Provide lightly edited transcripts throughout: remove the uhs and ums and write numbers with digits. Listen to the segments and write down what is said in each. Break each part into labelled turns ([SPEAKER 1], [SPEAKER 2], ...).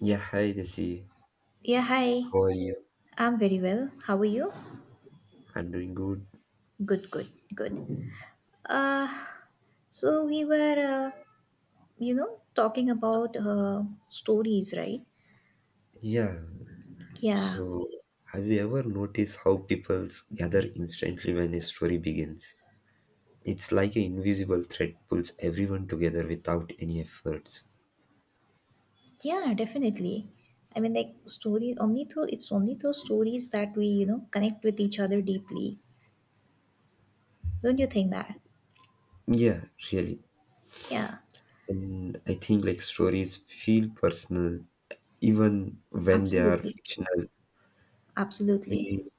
[SPEAKER 1] Yeah, hi Desi.
[SPEAKER 2] Yeah, hi.
[SPEAKER 1] How are you?
[SPEAKER 2] I'm very well. How are you?
[SPEAKER 1] I'm doing good.
[SPEAKER 2] Good, good, good. Uh, so we were, talking about stories, right?
[SPEAKER 1] Yeah,
[SPEAKER 2] Yeah,
[SPEAKER 1] so have you ever noticed how people gather instantly when a story begins? It's like an invisible thread pulls everyone together without any efforts.
[SPEAKER 2] yeah, definitely. I mean, like stories only through it's only through stories that we connect with each other deeply. Don't you think that?
[SPEAKER 1] Yeah, really.
[SPEAKER 2] Yeah,
[SPEAKER 1] And I think, like, stories feel personal even when they are
[SPEAKER 2] absolutely,
[SPEAKER 1] fictional.
[SPEAKER 2] absolutely,
[SPEAKER 1] We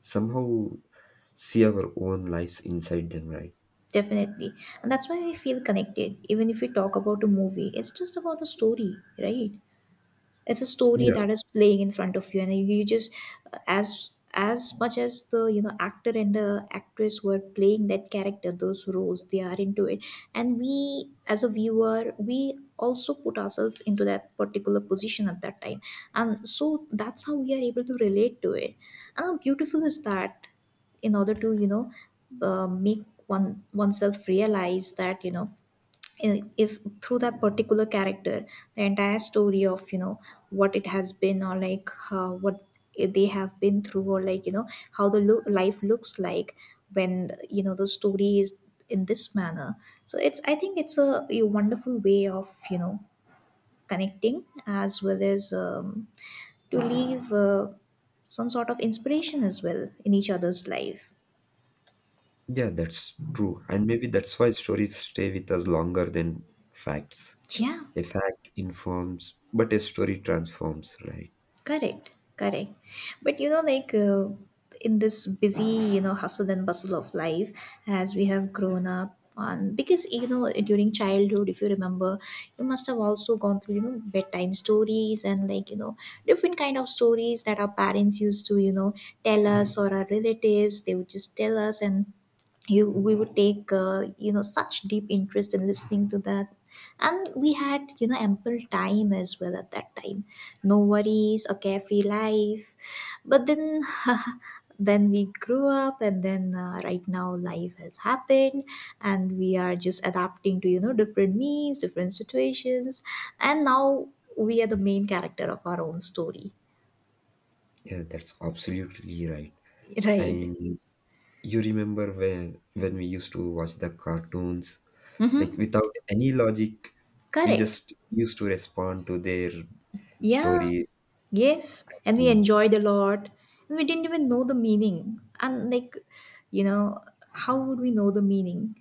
[SPEAKER 1] somehow see our own lives inside them, right?
[SPEAKER 2] definitely. And that's why we feel connected. Even if we talk about a movie, it's just about a story, right? It's a story
[SPEAKER 1] Yeah.
[SPEAKER 2] that is playing in front of you, and you just, as much as the actor and the actress were playing that character, those roles, they are into it, and we, as a viewer, we also put ourselves into that particular position at that time, and so that's how we are able to relate to it. And how beautiful is that, in order to, make oneself realize that, if through that particular character, the entire story of, what it has been, or like, what they have been through, or like, how the life looks like, when, the story is in this manner. So it's, I think, it's a wonderful way of, connecting, as well as, to leave, some sort of inspiration as well in each other's life.
[SPEAKER 1] Yeah, that's true. And maybe that's why stories stay with us longer than facts.
[SPEAKER 2] Yeah.
[SPEAKER 1] A fact informs, but a story transforms, right?
[SPEAKER 2] Correct, correct. But you know, like, in this busy hustle and bustle of life, as we have grown up on, because, you know, during childhood, if you remember, you must have also gone through bedtime stories, and like, different kind of stories that our parents used to tell us, or our relatives. They would just tell us, and you we would take, such deep interest in listening to that. And we had, ample time as well at that time. No worries, a carefree life. But then then we grew up, and then, right now life has happened, and we are just adapting to, different needs, different situations. And now we are the main character of our own story.
[SPEAKER 1] Yeah, that's absolutely right.
[SPEAKER 2] Right.
[SPEAKER 1] And you remember when we used to watch the cartoons,
[SPEAKER 2] Mm-hmm.
[SPEAKER 1] like without any logic, we
[SPEAKER 2] Correct.
[SPEAKER 1] just used to respond to their
[SPEAKER 2] Yeah,
[SPEAKER 1] stories.
[SPEAKER 2] yes. And we
[SPEAKER 1] Mm.
[SPEAKER 2] enjoyed a lot. And we didn't even know the meaning. And, like, you know, how would we know the meaning?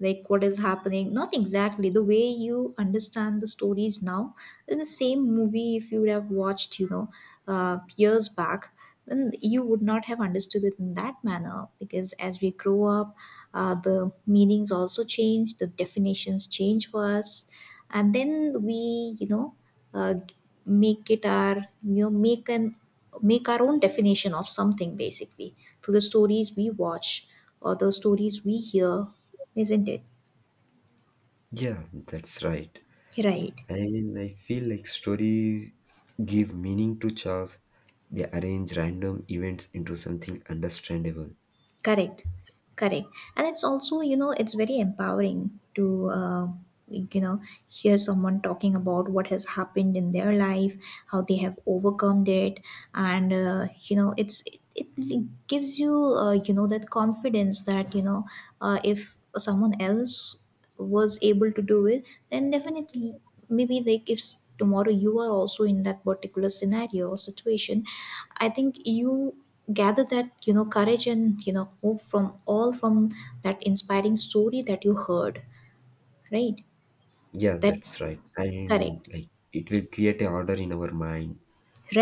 [SPEAKER 2] Like, what is happening? Not exactly. The way you understand the stories now, in the same movie, if you would have watched years back, then you would not have understood it in that manner, because as we grow up, the meanings also change, the definitions change for us, and then we, uh, make it our, make our own definition of something, basically, through the stories we watch, or the stories we hear, isn't it?
[SPEAKER 1] Yeah, that's right.
[SPEAKER 2] Right.
[SPEAKER 1] And I feel like stories give meaning to chores. They arrange random events into something understandable.
[SPEAKER 2] Correct, correct. And it's also, you know, it's very empowering to, like, hear someone talking about what has happened in their life, how they have overcome it. And, it's, it gives you, that confidence that, if someone else was able to do it, then definitely, maybe like, if tomorrow you are also in that particular scenario or situation, I think you gather that, courage and, hope from that inspiring story that you heard, right?
[SPEAKER 1] Yeah,
[SPEAKER 2] That.
[SPEAKER 1] that's right. And
[SPEAKER 2] Correct.
[SPEAKER 1] like it will create a order in our mind,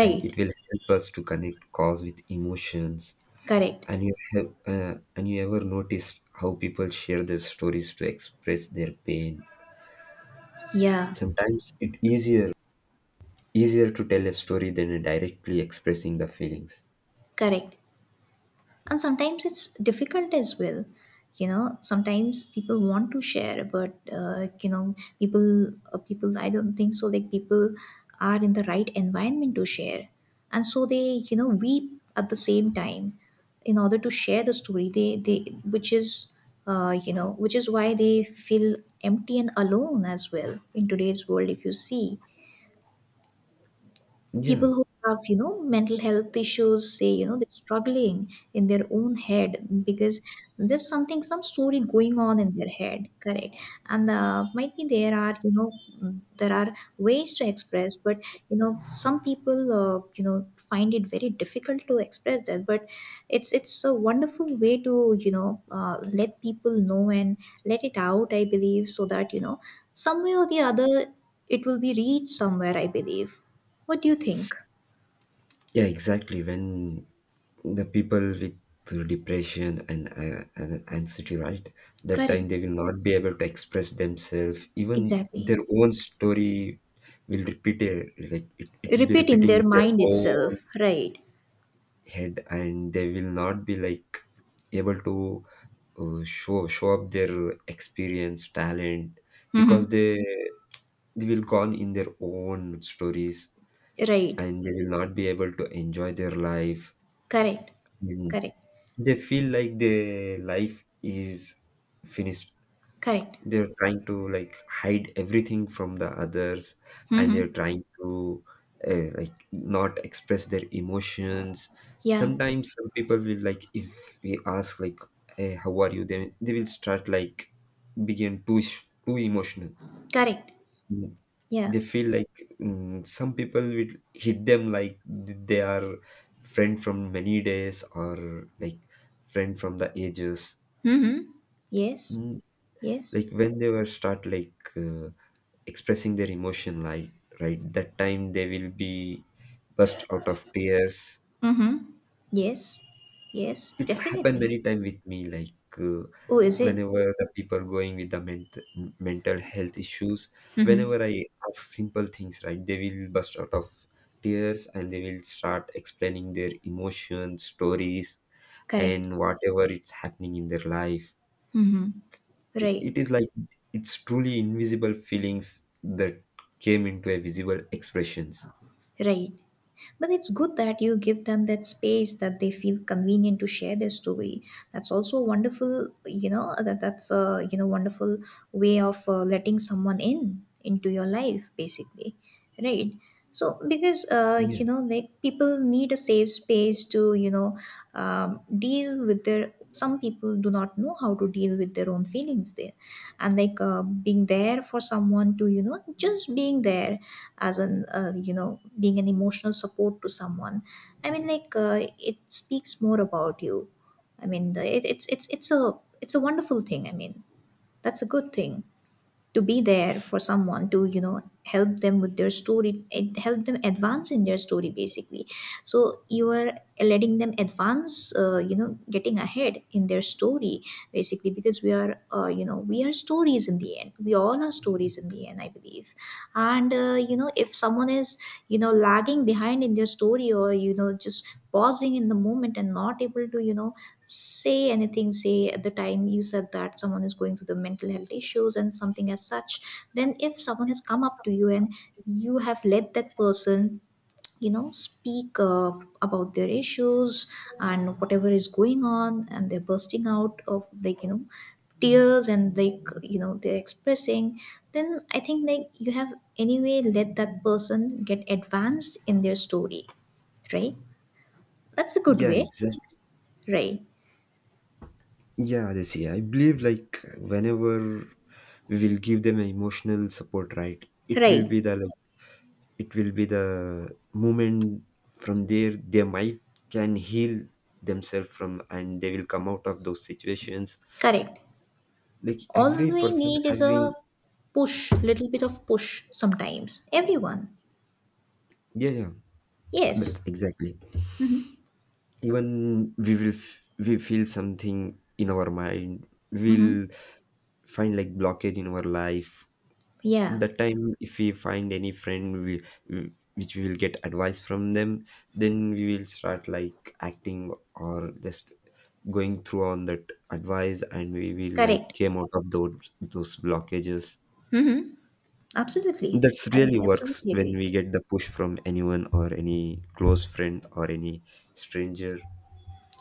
[SPEAKER 1] and it will help us to connect cause with emotions.
[SPEAKER 2] Correct.
[SPEAKER 1] And you ever noticed how people share their stories to express their pain.
[SPEAKER 2] Yeah.
[SPEAKER 1] Sometimes it easier, easier to tell a story than directly expressing the feelings.
[SPEAKER 2] Correct. And sometimes it's difficult as well, you know. Sometimes people want to share, but, people, I don't think so, like, people are in the right environment to share, and so they, weep. At the same time, in order to share the story they which is, which is why they feel empty and alone as well in today's world. If you see,
[SPEAKER 1] Yeah.
[SPEAKER 2] people who have, mental health issues, say, they're struggling in their own head, because there's some story going on in their head. Correct. And, might be there are, you know, there are ways to express, but, some people, find it very difficult to express that. But it's a wonderful way to, let people know and let it out, I believe, so that, some way or the other, it will be reached somewhere, I believe. What do you think?
[SPEAKER 1] Yeah, exactly. When the people with depression and anxiety, right? That
[SPEAKER 2] Correct.
[SPEAKER 1] time they will not be able to express themselves. Even
[SPEAKER 2] Exactly.
[SPEAKER 1] their own story will repeat it. Like it will be
[SPEAKER 2] Repeat in
[SPEAKER 1] repeating
[SPEAKER 2] their
[SPEAKER 1] in their
[SPEAKER 2] mind itself.
[SPEAKER 1] own
[SPEAKER 2] Right.
[SPEAKER 1] head, and they will not be like able to show show up their experience, talent, because
[SPEAKER 2] Mm-hmm.
[SPEAKER 1] they will gone in their own stories,
[SPEAKER 2] Right.
[SPEAKER 1] and they will not be able to enjoy their life.
[SPEAKER 2] Correct.
[SPEAKER 1] And
[SPEAKER 2] Correct.
[SPEAKER 1] they feel like their life is finished.
[SPEAKER 2] Correct.
[SPEAKER 1] They're trying to like hide everything from the others, and they're
[SPEAKER 2] Mm-hmm.
[SPEAKER 1] trying to like not express their emotions.
[SPEAKER 2] Yeah.
[SPEAKER 1] Sometimes some people will, like, if we ask like, hey, how are you, then they will start like begin too, too emotional.
[SPEAKER 2] Correct. Yeah.
[SPEAKER 1] They feel like, some people will hit them like they are friend from many days, or like friend from the ages.
[SPEAKER 2] Mm-hmm. Yes.
[SPEAKER 1] Mm,
[SPEAKER 2] Yes.
[SPEAKER 1] like when they were start like expressing their emotion, like right that time they will be burst out of tears.
[SPEAKER 2] Mm-hmm. Yes. Yes.
[SPEAKER 1] It's happened
[SPEAKER 2] Definitely.
[SPEAKER 1] many times with me, like uh,
[SPEAKER 2] Oh, is it?
[SPEAKER 1] whenever the people going with the mental health issues,
[SPEAKER 2] Mm-hmm.
[SPEAKER 1] whenever I ask simple things, right, they will burst out of tears, and they will start explaining their emotions, stories,
[SPEAKER 2] Correct.
[SPEAKER 1] and whatever it's happening in their life.
[SPEAKER 2] Mm-hmm.
[SPEAKER 1] It,
[SPEAKER 2] Right.
[SPEAKER 1] it is like it's truly invisible feelings that came into a visible expressions.
[SPEAKER 2] Right. But it's good that you give them that space, that they feel convenient to share their story. That's also a wonderful, you know, that that's a you know wonderful way of, letting someone in into your life, basically, right? So because,
[SPEAKER 1] Yeah.
[SPEAKER 2] like, people need a safe space to, deal with their. Some people do not know how to deal with their own feelings there, and like, being there for someone, to, just being there, as an you know being an emotional support to someone. I mean, like, it speaks more about you. I mean, the, it, it's a, it's a wonderful thing, I mean, that's a good thing. To be there for someone, to, help them with their story, help them advance in their story, basically. So you are letting them advance, getting ahead in their story, basically, because we are we are stories in the end. We all are stories in the end, I believe. And, if someone is, lagging behind in their story, or, just pausing in the moment and not able to, say anything. Say at the time you said that someone is going through the mental health issues and something as such, then if someone has come up to you, and you have let that person, speak, about their issues and whatever is going on, and they're bursting out of, like, tears, and like, they're expressing, then I think, like, you have anyway let that person get advanced in their story, right? That's a good
[SPEAKER 1] Yeah,
[SPEAKER 2] way.
[SPEAKER 1] exactly.
[SPEAKER 2] Right.
[SPEAKER 1] Yeah, they see. I believe like whenever we'll give them emotional support, right? It will
[SPEAKER 2] Right.
[SPEAKER 1] be the like it will be the moment. From there they might can heal themselves from, and they will come out of those situations.
[SPEAKER 2] Correct.
[SPEAKER 1] Like
[SPEAKER 2] All
[SPEAKER 1] every
[SPEAKER 2] we
[SPEAKER 1] person
[SPEAKER 2] need is
[SPEAKER 1] having,
[SPEAKER 2] a push little bit of push sometimes, everyone.
[SPEAKER 1] yeah, yeah, that's
[SPEAKER 2] Yes.
[SPEAKER 1] exactly. Even we will we feel something in our mind.
[SPEAKER 2] Mm-hmm.
[SPEAKER 1] We'll find like blockage in our life.
[SPEAKER 2] Yeah.
[SPEAKER 1] That time if we find any friend, we which we will get advice from them, then we will start like acting or just going through on that advice, and we will like
[SPEAKER 2] Correct.
[SPEAKER 1] came out of those blockages.
[SPEAKER 2] Mm-hmm. Absolutely.
[SPEAKER 1] That's
[SPEAKER 2] I
[SPEAKER 1] really works
[SPEAKER 2] absolutely
[SPEAKER 1] when
[SPEAKER 2] agree.
[SPEAKER 1] we get the push from anyone or any close friend or any stranger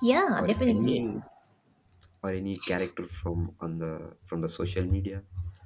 [SPEAKER 2] Yeah,
[SPEAKER 1] or
[SPEAKER 2] definitely.
[SPEAKER 1] any, or any character from on the, from the social media.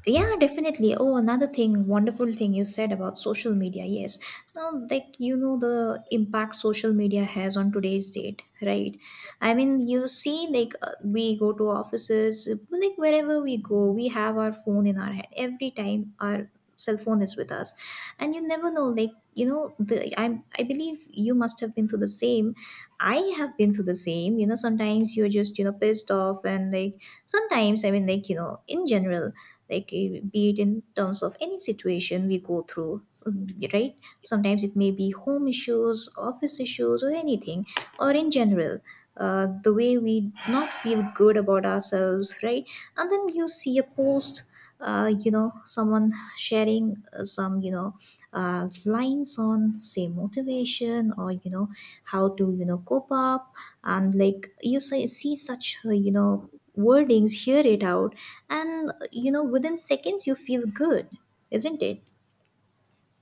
[SPEAKER 2] Yeah, definitely. Oh, another thing, wonderful thing you said about social media. Yes. Now, like, you know, the impact social media has on today's date, right? I mean, you see, like, we go to offices, like, wherever we go, we have our phone in our hand. Every time our cell phone is with us. And you never know, like, you know, I believe you must have been through the same. I have been through the same. You know, sometimes you're just, you know, pissed off, and like, sometimes, I mean, like, you know, in general, like, be it in terms of any situation we go through, so, right, sometimes it may be home issues, office issues, or anything, or in general, the way we not feel good about ourselves, right. And then you see a post, someone sharing, some, lines on, say, motivation, or, how to, cope up. And like, you say see such, wordings, hear it out, and you know, within seconds you feel good, isn't it?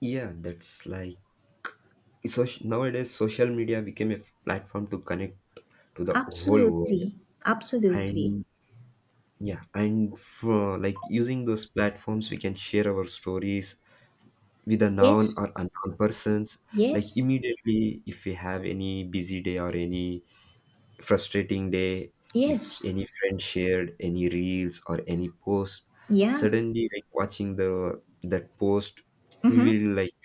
[SPEAKER 1] Yeah, that's like, so nowadays social media became a platform to connect to the whole world.
[SPEAKER 2] Absolutely, absolutely.
[SPEAKER 1] And yeah, and for like using those platforms we can share our stories with a known or
[SPEAKER 2] Yes,
[SPEAKER 1] unknown persons. Like
[SPEAKER 2] yes,
[SPEAKER 1] immediately if we have any busy day or any frustrating day, if
[SPEAKER 2] yes.
[SPEAKER 1] any friend shared any reels or any post,
[SPEAKER 2] Yeah.
[SPEAKER 1] suddenly like watching the that post, we
[SPEAKER 2] Mm-hmm.
[SPEAKER 1] will like,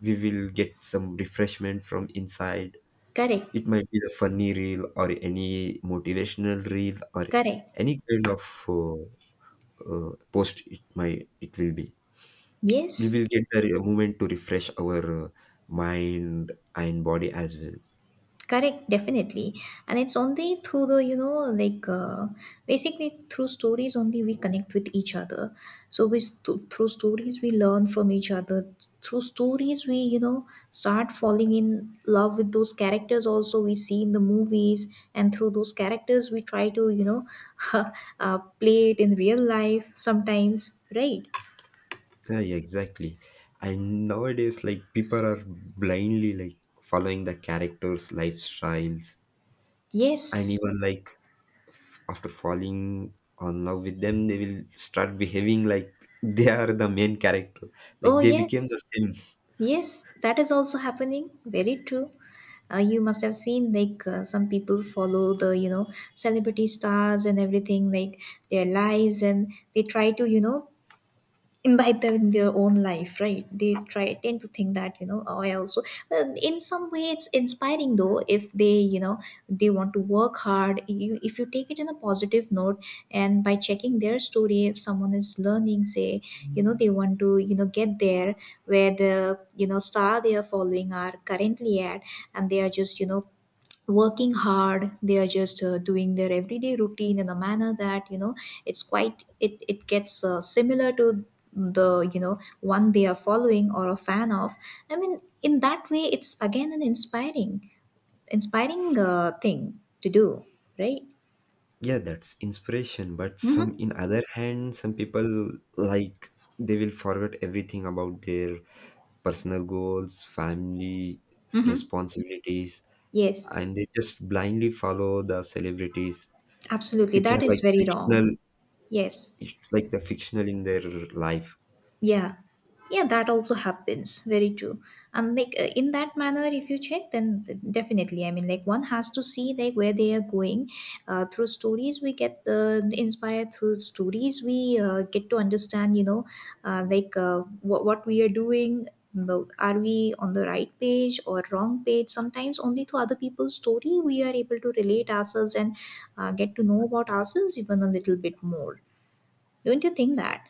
[SPEAKER 1] we will get some refreshment from inside.
[SPEAKER 2] Correct,
[SPEAKER 1] It might be a funny reel or any motivational reel or
[SPEAKER 2] correct.
[SPEAKER 1] any kind of, uh, post it might it will be. We
[SPEAKER 2] Yes.
[SPEAKER 1] will get the moment to refresh our mind and body as well.
[SPEAKER 2] Correct. Definitely. And it's only through the, like, basically through stories only we connect with each other. So we, through stories we learn from each other. Through stories we, start falling in love with those characters also we see in the movies. And through those characters we try to, play it in real life sometimes, right?
[SPEAKER 1] Yeah, yeah, exactly. And nowadays, like people are blindly like following the characters' lifestyles, and
[SPEAKER 2] Yes.
[SPEAKER 1] even like after falling on love with them, they will start behaving like they are the main character. Like
[SPEAKER 2] Oh,
[SPEAKER 1] they became
[SPEAKER 2] yes.
[SPEAKER 1] the same.
[SPEAKER 2] Yes, that is also happening. Very true. You must have seen like some people follow the celebrity stars and everything like their lives, and they try to imbibe them in their own life, right? They try, tend to think that oh, I also, well, in some way it's inspiring though if they they want to work hard. You, if you take it in a positive note and by checking their story, if someone is learning, say, they want to get there where the star they are following are currently at, and they are just working hard, they are just doing their everyday routine in a manner that it's quite, it gets similar to the one they are following or a fan of. I mean, in that way, it's again an inspiring, inspiring thing to do, right?
[SPEAKER 1] Yeah, that's inspiration, but some
[SPEAKER 2] Mm-hmm.
[SPEAKER 1] in other hand some people like, they will forget everything about their personal goals, family,
[SPEAKER 2] Mm-hmm.
[SPEAKER 1] responsibilities,
[SPEAKER 2] Yes.
[SPEAKER 1] and they just blindly follow the celebrities,
[SPEAKER 2] Absolutely,
[SPEAKER 1] which
[SPEAKER 2] that
[SPEAKER 1] are
[SPEAKER 2] is
[SPEAKER 1] like
[SPEAKER 2] very
[SPEAKER 1] fictional.
[SPEAKER 2] wrong. Yes.
[SPEAKER 1] It's like the fictional in their life.
[SPEAKER 2] Yeah, yeah, that also happens. Very true. And like in that manner, if you check, then definitely. I mean, like one has to see like where they are going. Through stories, we get inspired. Through stories, we get to understand. Like what we are doing. But are we on the right page or wrong page? Sometimes only through other people's story we are able to relate ourselves and get to know about ourselves even a little bit more. Don't you think that?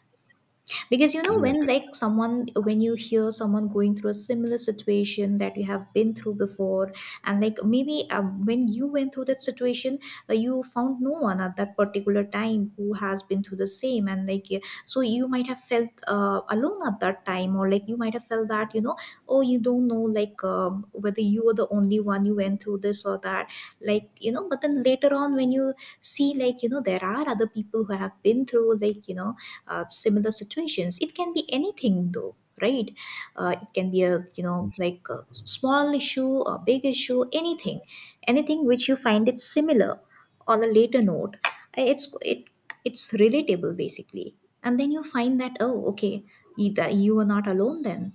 [SPEAKER 2] Because
[SPEAKER 1] Yeah,
[SPEAKER 2] when like someone, when you hear someone going through a similar situation that you have been through before, and like maybe when you went through that situation, you found no one at that particular time who has been through the same, and like yeah, so you might have felt alone at that time, or like you might have felt that oh, you don't know like whether you were the only one you went through this or that, like but then later on when you see like there are other people who have been through like similar situations. It can be anything though, right? It can be a
[SPEAKER 1] that's,
[SPEAKER 2] like a small issue, a big issue, anything, anything which you find it similar. On a later note, it's relatable basically, and then you find that oh okay, you, that you are not alone then.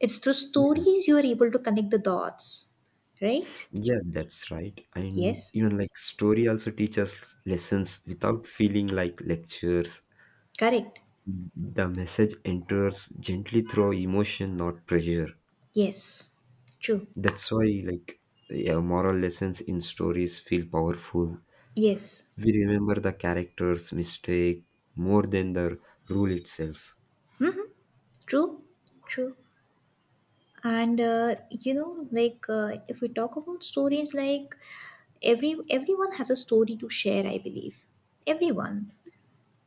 [SPEAKER 2] It's through
[SPEAKER 1] yeah,
[SPEAKER 2] stories you are able to connect the dots, right?
[SPEAKER 1] yeah, that's right. And
[SPEAKER 2] Yes.
[SPEAKER 1] you know, like story also teaches lessons without feeling like lectures.
[SPEAKER 2] Correct.
[SPEAKER 1] The message enters gently through emotion, not pressure.
[SPEAKER 2] Yes. True.
[SPEAKER 1] That's why like, yeah, moral lessons in stories feel powerful.
[SPEAKER 2] Yes.
[SPEAKER 1] We remember the characters mistake more than the rule itself.
[SPEAKER 2] True. True. And like if we talk about stories, like everyone has a story to share, I believe. Everyone,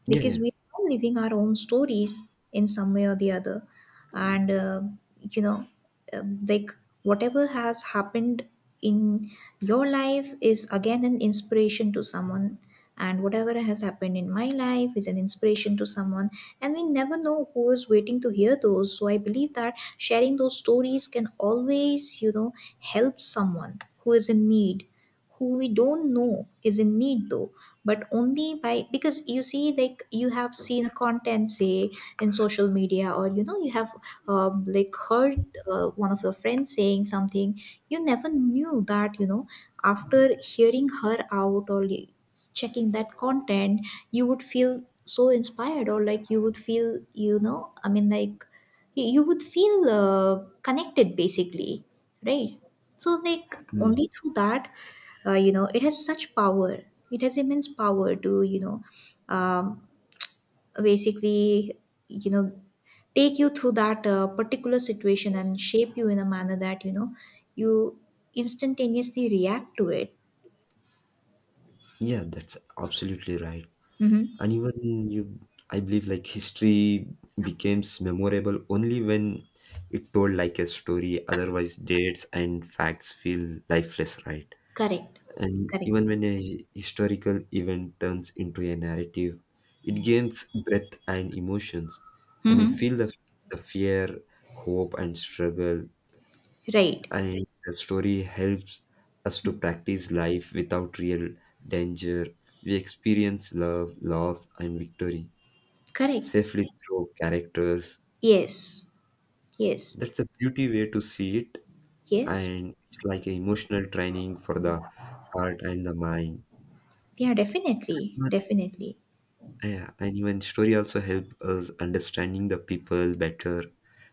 [SPEAKER 1] Yeah,
[SPEAKER 2] because
[SPEAKER 1] yeah.
[SPEAKER 2] we are all living our own stories in some way or the other. And you know like whatever has happened in your life is again an inspiration to someone, and whatever has happened in my life is an inspiration to someone, and we never know who is waiting to hear those. So I believe that sharing those stories can always help someone who is in need, who we don't know is in need though. But only by, because you see, like you have seen content, say, in social media, or you have like heard one of your friends saying something, you never knew that after hearing her out or checking that content, you would feel so inspired, or like you would feel, like you would feel connected basically, right? So like
[SPEAKER 1] Mm.
[SPEAKER 2] only through that, it has such power. It has immense power to um, basically you know take you through that particular situation and shape you in a manner that you instantaneously react to it.
[SPEAKER 1] Yeah, that's absolutely right.
[SPEAKER 2] Mm-hmm.
[SPEAKER 1] And even you, I believe like history becomes memorable only when it told like a story, otherwise dates and facts feel lifeless, right?
[SPEAKER 2] Correct.
[SPEAKER 1] And
[SPEAKER 2] Correct.
[SPEAKER 1] even when a historical event turns into a narrative, it gains breadth and emotions, and we feel
[SPEAKER 2] Mm-hmm.
[SPEAKER 1] the fear, hope, and struggle.
[SPEAKER 2] Right.
[SPEAKER 1] And the story helps us to practice life without real danger. We experience love, loss, and victory
[SPEAKER 2] Correct.
[SPEAKER 1] safely through characters.
[SPEAKER 2] Yes. Yes.
[SPEAKER 1] That's a beauty way to see it,
[SPEAKER 2] Yes.
[SPEAKER 1] and it's like an emotional training for the heart and the mind.
[SPEAKER 2] Yeah, definitely, definitely.
[SPEAKER 1] Yeah, and even story also help us understanding the people better.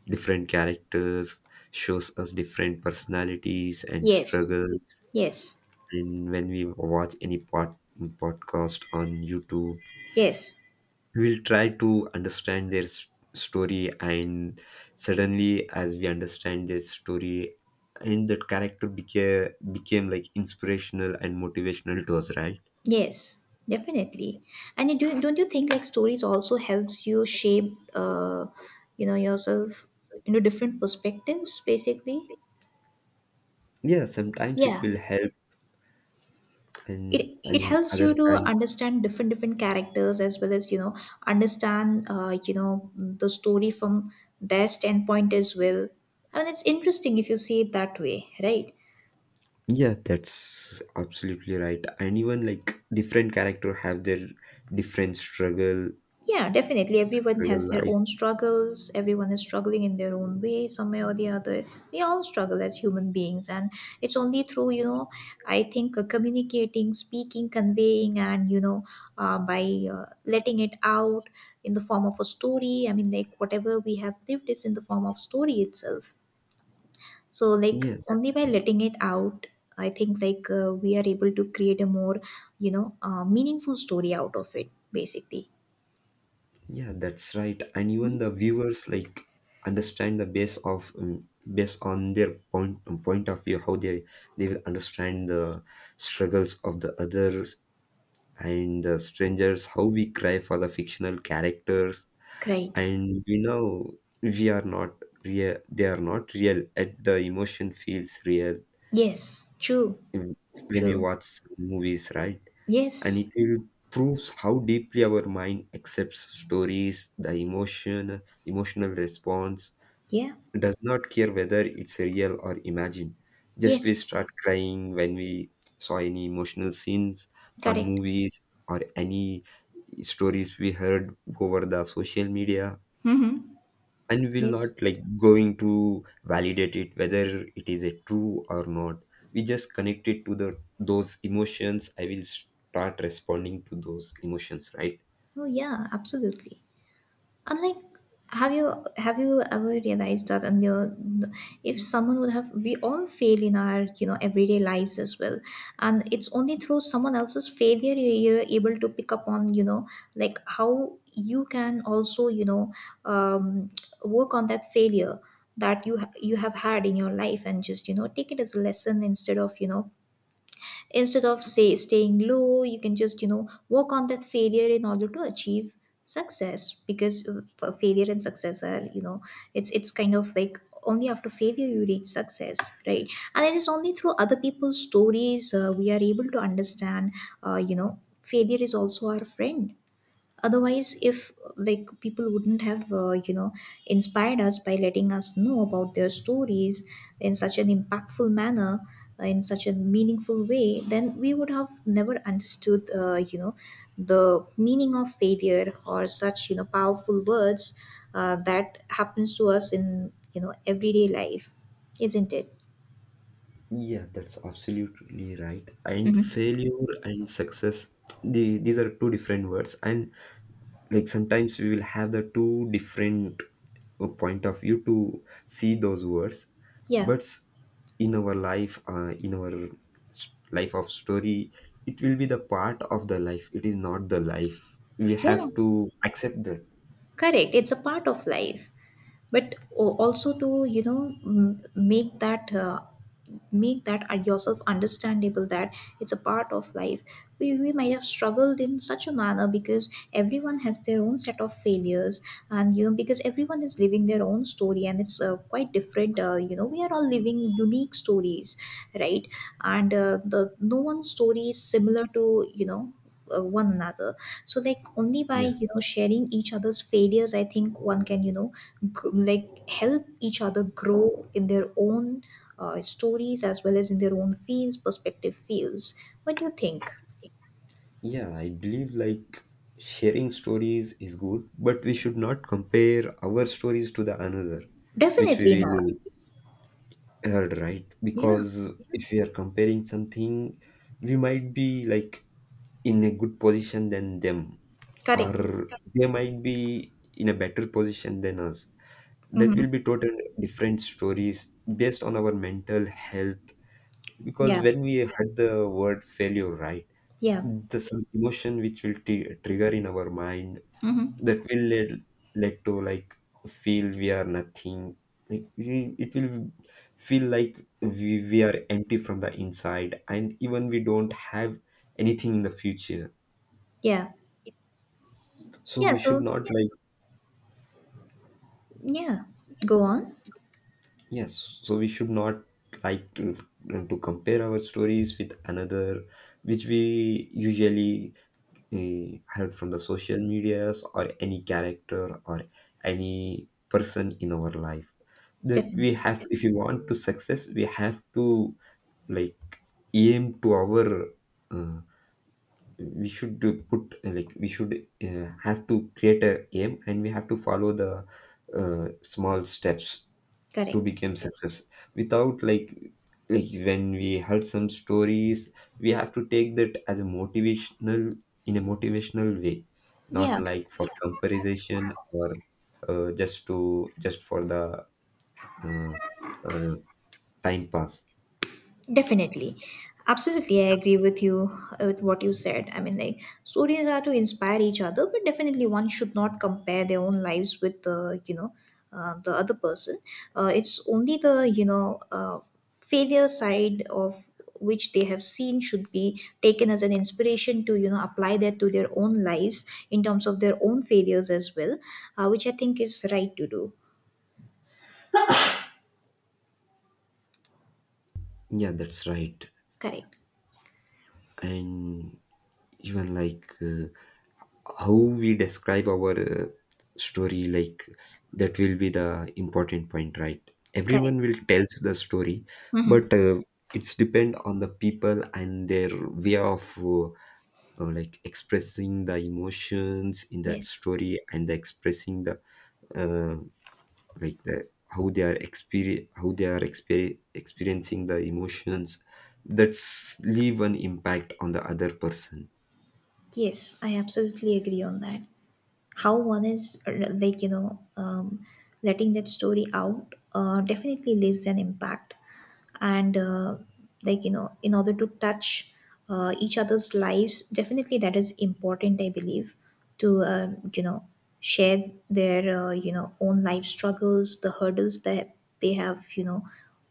[SPEAKER 1] Different characters shows us different personalities and
[SPEAKER 2] Yes.
[SPEAKER 1] struggles.
[SPEAKER 2] Yes.
[SPEAKER 1] And when we watch any podcast on YouTube,
[SPEAKER 2] Yes.
[SPEAKER 1] we'll try to understand their story. And suddenly, as we understand their story, and that character became, became like inspirational and motivational to us, right?
[SPEAKER 2] Yes, definitely. And you do, don't you think like stories also helps you shape, yourself into different perspectives, basically?
[SPEAKER 1] Yeah, sometimes it
[SPEAKER 2] Yeah.
[SPEAKER 1] will help, and
[SPEAKER 2] It
[SPEAKER 1] in
[SPEAKER 2] helps
[SPEAKER 1] other
[SPEAKER 2] you to
[SPEAKER 1] times,
[SPEAKER 2] understand different characters as well as understand the story from their standpoint as well. I mean, it's interesting if you see it that way, right?
[SPEAKER 1] yeah, that's absolutely right. And even like different character have their different struggle,
[SPEAKER 2] Yeah, definitely. Everyone
[SPEAKER 1] struggle
[SPEAKER 2] has their
[SPEAKER 1] life.
[SPEAKER 2] own struggles. Everyone is struggling in their own way, some way or the other. We all struggle as human beings, and it's only through, I think communicating, speaking, conveying, and by letting it out in the form of a story. I mean, like whatever we have lived is in the form of story itself. So like
[SPEAKER 1] Yeah,
[SPEAKER 2] only
[SPEAKER 1] that's
[SPEAKER 2] by
[SPEAKER 1] right.
[SPEAKER 2] letting it out, I think like we are able to create a more meaningful story out of it, basically.
[SPEAKER 1] Yeah, that's right. And even the viewers like understand the base of, based on their point of view, how they will understand the struggles of the others and the strangers. How we cry for the fictional characters,
[SPEAKER 2] Right.
[SPEAKER 1] and we know we are not real. They are not real. At the emotion feels real
[SPEAKER 2] Yes, true,
[SPEAKER 1] w- when we
[SPEAKER 2] true.
[SPEAKER 1] watch some movies, right? And it
[SPEAKER 2] Yes,
[SPEAKER 1] will proves how deeply our mind accepts stories, the emotion, emotional response
[SPEAKER 2] yeah,
[SPEAKER 1] does not care whether it's real or imagined. Just we
[SPEAKER 2] yes,
[SPEAKER 1] start crying when we saw any emotional scenes on
[SPEAKER 2] correct.
[SPEAKER 1] movies or any stories we heard over the social media,
[SPEAKER 2] Mm-hmm.
[SPEAKER 1] and we'll
[SPEAKER 2] Yes.
[SPEAKER 1] not like going to validate it whether it is a true or not. We just connect it to the, those emotions. I will start responding to those emotions, right?
[SPEAKER 2] Oh, yeah, absolutely. And like, have you ever realized that? And the, if someone would have, we all fail in our everyday lives as well, and it's only through someone else's failure you're able to pick up on like how you can also um, work on that failure that you have had in your life, and just take it as a lesson instead of instead of, say, staying low. You can just work on that failure in order to achieve success, because failure and success are it's kind of like only after failure you reach success, right? And it is only through other people's stories we are able to understand failure is also our friend. Otherwise, if like people wouldn't have inspired us by letting us know about their stories in such an impactful manner, in such a meaningful way, then we would have never understood the meaning of failure or such powerful words that happens to us in everyday life, isn't it?
[SPEAKER 1] Yeah, that's absolutely right. And
[SPEAKER 2] Hmm.
[SPEAKER 1] failure and success, the, these are two different words, and like sometimes we will have the two different point of view to see those words.
[SPEAKER 2] Yeah.
[SPEAKER 1] But in our life, in our life of story, it will be the part of the life. It is not the life. We have
[SPEAKER 2] Yeah.
[SPEAKER 1] to accept that.
[SPEAKER 2] Correct, it's a part of life. But also to make that yourself understandable that it's a part of life. We might have struggled in such a manner because everyone has their own set of failures, and because everyone is living their own story, and it's quite different. We are all living unique stories, right? And the no one's story is similar to one another. So like only by
[SPEAKER 1] Yeah,
[SPEAKER 2] sharing each other's failures, I think one can like help each other grow in their own stories, as well as in their own fields, perspective fields. What do you think?
[SPEAKER 1] yeah. I believe like sharing stories is good, but we should not compare our stories to the another which we
[SPEAKER 2] Definitely not.
[SPEAKER 1] will heard, right?
[SPEAKER 2] Yeah.
[SPEAKER 1] Because if we are comparing something, we might be like in a good position than them,
[SPEAKER 2] Correct.
[SPEAKER 1] or they might be in a better position than us. That
[SPEAKER 2] Mm-hmm.
[SPEAKER 1] will be total different stories based on our mental health. Because
[SPEAKER 2] Yeah.
[SPEAKER 1] when we heard the word failure, right,
[SPEAKER 2] Yeah.
[SPEAKER 1] the some emotion which will trigger in our mind,
[SPEAKER 2] Mm-hmm.
[SPEAKER 1] that will lead, lead to like feel we are nothing. Like we, it will feel like we are empty from the inside, and even we don't have anything in the future.
[SPEAKER 2] Yeah.
[SPEAKER 1] So
[SPEAKER 2] Yeah,
[SPEAKER 1] we should
[SPEAKER 2] so,
[SPEAKER 1] not like,
[SPEAKER 2] yeah, go on.
[SPEAKER 1] yes, so we should not like to compare our stories with another, which we usually heard from the social medias or any character or any person in our life. That we
[SPEAKER 2] Definitely.
[SPEAKER 1] have, if we want to success, we have to like aim to our. Uh, we should do put like we should have to create a aim, and we have to follow the small steps to
[SPEAKER 2] Correct.
[SPEAKER 1] become success. Without like, like when we heard some stories, we have to take that as a motivational, in a motivational way, not
[SPEAKER 2] Yeah.
[SPEAKER 1] like for comparison or just to just for the uh, uh, time pass.
[SPEAKER 2] Definitely. Absolutely, I agree with you with what you said. I mean, like stories are to inspire each other, but definitely one should not compare their own lives with the the other person. It's only the failure side of which they have seen should be taken as an inspiration to apply that to their own lives in terms of their own failures as well, which I think is right to do.
[SPEAKER 1] Yeah, that's right.
[SPEAKER 2] Correct.
[SPEAKER 1] And even like, how we describe our story like, that will be the important point, right?
[SPEAKER 2] Correct.
[SPEAKER 1] Everyone will tells the story,
[SPEAKER 2] Mhm.
[SPEAKER 1] but it's depend on the people and their way of like expressing the emotions in that
[SPEAKER 2] Yes.
[SPEAKER 1] story, and the expressing the uh, like the how they are exper, how they are experiencing the emotions, that's leave an impact on the other person.
[SPEAKER 2] Yes, I absolutely agree on that. How one is like letting that story out definitely leaves an impact. And like in order to touch each other's lives, definitely that is important, I believe, to you know share their own life struggles, the hurdles that they have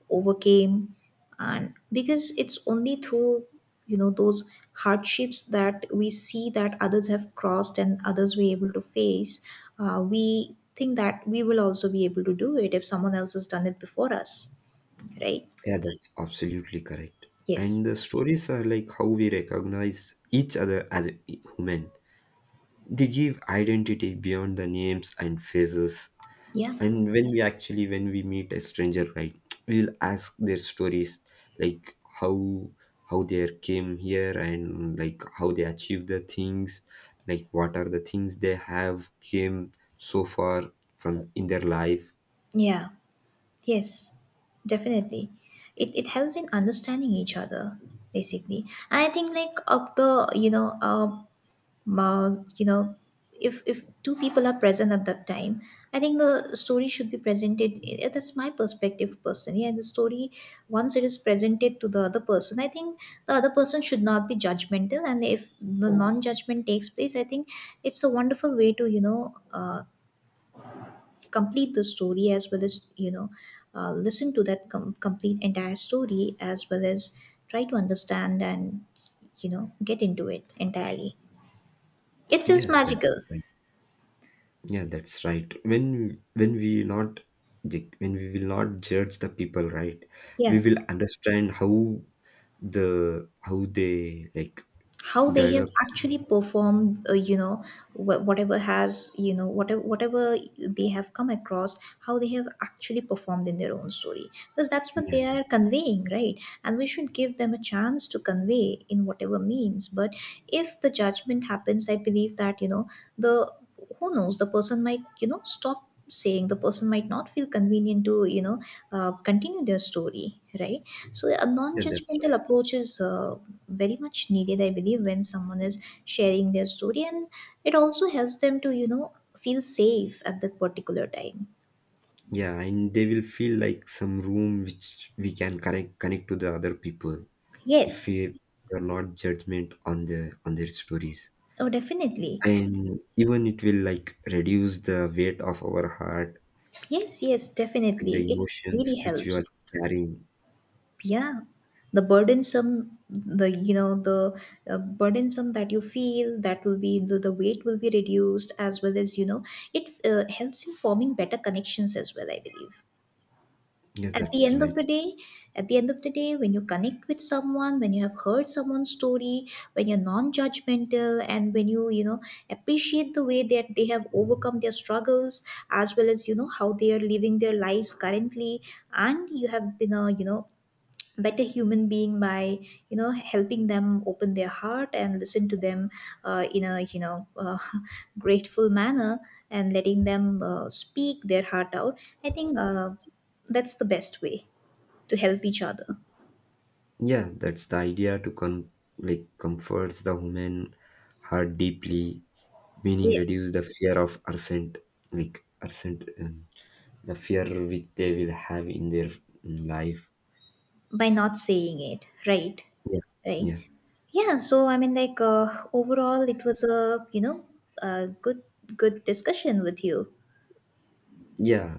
[SPEAKER 2] overcame. And because it's only through those hardships that we see that others have crossed and others were able to face, we think that we will also be able to do it if someone else has done it before us, right?
[SPEAKER 1] Yeah, that's absolutely correct.
[SPEAKER 2] Yes.
[SPEAKER 1] And the stories are like how we recognize each other as a human. They give identity beyond the names and faces.
[SPEAKER 2] Yeah.
[SPEAKER 1] And when we actually when we meet a stranger, right, we'll ask their stories, like how they came here, and like how they achieved the things, like what are the things they have came so far from in their life.
[SPEAKER 2] Yeah. Yes. Definitely. It helps in understanding each other basically. And I think like of the uh, you know if two people are present at that time, I think the story should be presented. Eh, that's my perspective personally. And the story once it is presented to the other person, I think the other person should not be judgmental. And if the non-judgment takes place, I think it's a wonderful way to complete the story, as well as listen to that complete entire story, as well as try to understand and get into it entirely. It feels
[SPEAKER 1] Yeah,
[SPEAKER 2] magical.
[SPEAKER 1] that's right. Yeah, that's right. When we not when we will not judge the people, right?
[SPEAKER 2] Yeah.
[SPEAKER 1] We will understand how the how they like
[SPEAKER 2] How they have
[SPEAKER 1] develop.
[SPEAKER 2] actually performed whatever has whatever they have come across, how they have actually performed in their own story, because that's what
[SPEAKER 1] Yeah,
[SPEAKER 2] they
[SPEAKER 1] that's,
[SPEAKER 2] are conveying, right? And we should give them a chance to convey in whatever means. But if the judgment happens, I believe that the, who knows, the person might stop saying, the person might not feel convenient to continue their story, right? So a
[SPEAKER 1] yeah, that's
[SPEAKER 2] non-judgmental
[SPEAKER 1] right.
[SPEAKER 2] approach is very much needed, I believe, when someone is sharing their story, and it also helps them to feel safe at that particular time.
[SPEAKER 1] Yeah, and they will feel like some room which we can connect, connect to the other people if
[SPEAKER 2] Yes.
[SPEAKER 1] we are not judgment on the, on their stories.
[SPEAKER 2] Oh, definitely.
[SPEAKER 1] And even it will like reduce the weight of our heart
[SPEAKER 2] Yes, yes,
[SPEAKER 1] and
[SPEAKER 2] definitely,
[SPEAKER 1] the
[SPEAKER 2] it really
[SPEAKER 1] emotions which we are
[SPEAKER 2] helps.
[SPEAKER 1] carrying.
[SPEAKER 2] Yeah. The burdensome, the the burdensome that you feel, that will be, the weight will be reduced, as well as it helps in forming better connections as well, I believe.
[SPEAKER 1] Yeah,
[SPEAKER 2] At the
[SPEAKER 1] that's
[SPEAKER 2] end of
[SPEAKER 1] right.
[SPEAKER 2] the day, at the end of the day, when you connect with someone, when you have heard someone's story, when you're non-judgmental, and when you know appreciate the way that they have overcome their struggles, as well as how they are living their lives currently, and you have been a better human being by helping them open their heart and listen to them in a grateful manner, and letting them speak their heart out, I think that's the best way to help each other.
[SPEAKER 1] Yeah, that's the idea to con, like comforts the human heart deeply, meaning
[SPEAKER 2] Yes,
[SPEAKER 1] reduce the fear of absent, like absent, the fear which they will have in their, life.
[SPEAKER 2] by not saying it, right?
[SPEAKER 1] Yeah,
[SPEAKER 2] Right.
[SPEAKER 1] yeah,
[SPEAKER 2] Yeah, so I mean like overall, it was a a good good discussion with you.
[SPEAKER 1] yeah,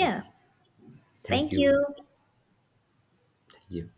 [SPEAKER 1] I see. Thank
[SPEAKER 2] Thank you.
[SPEAKER 1] you. Thank you.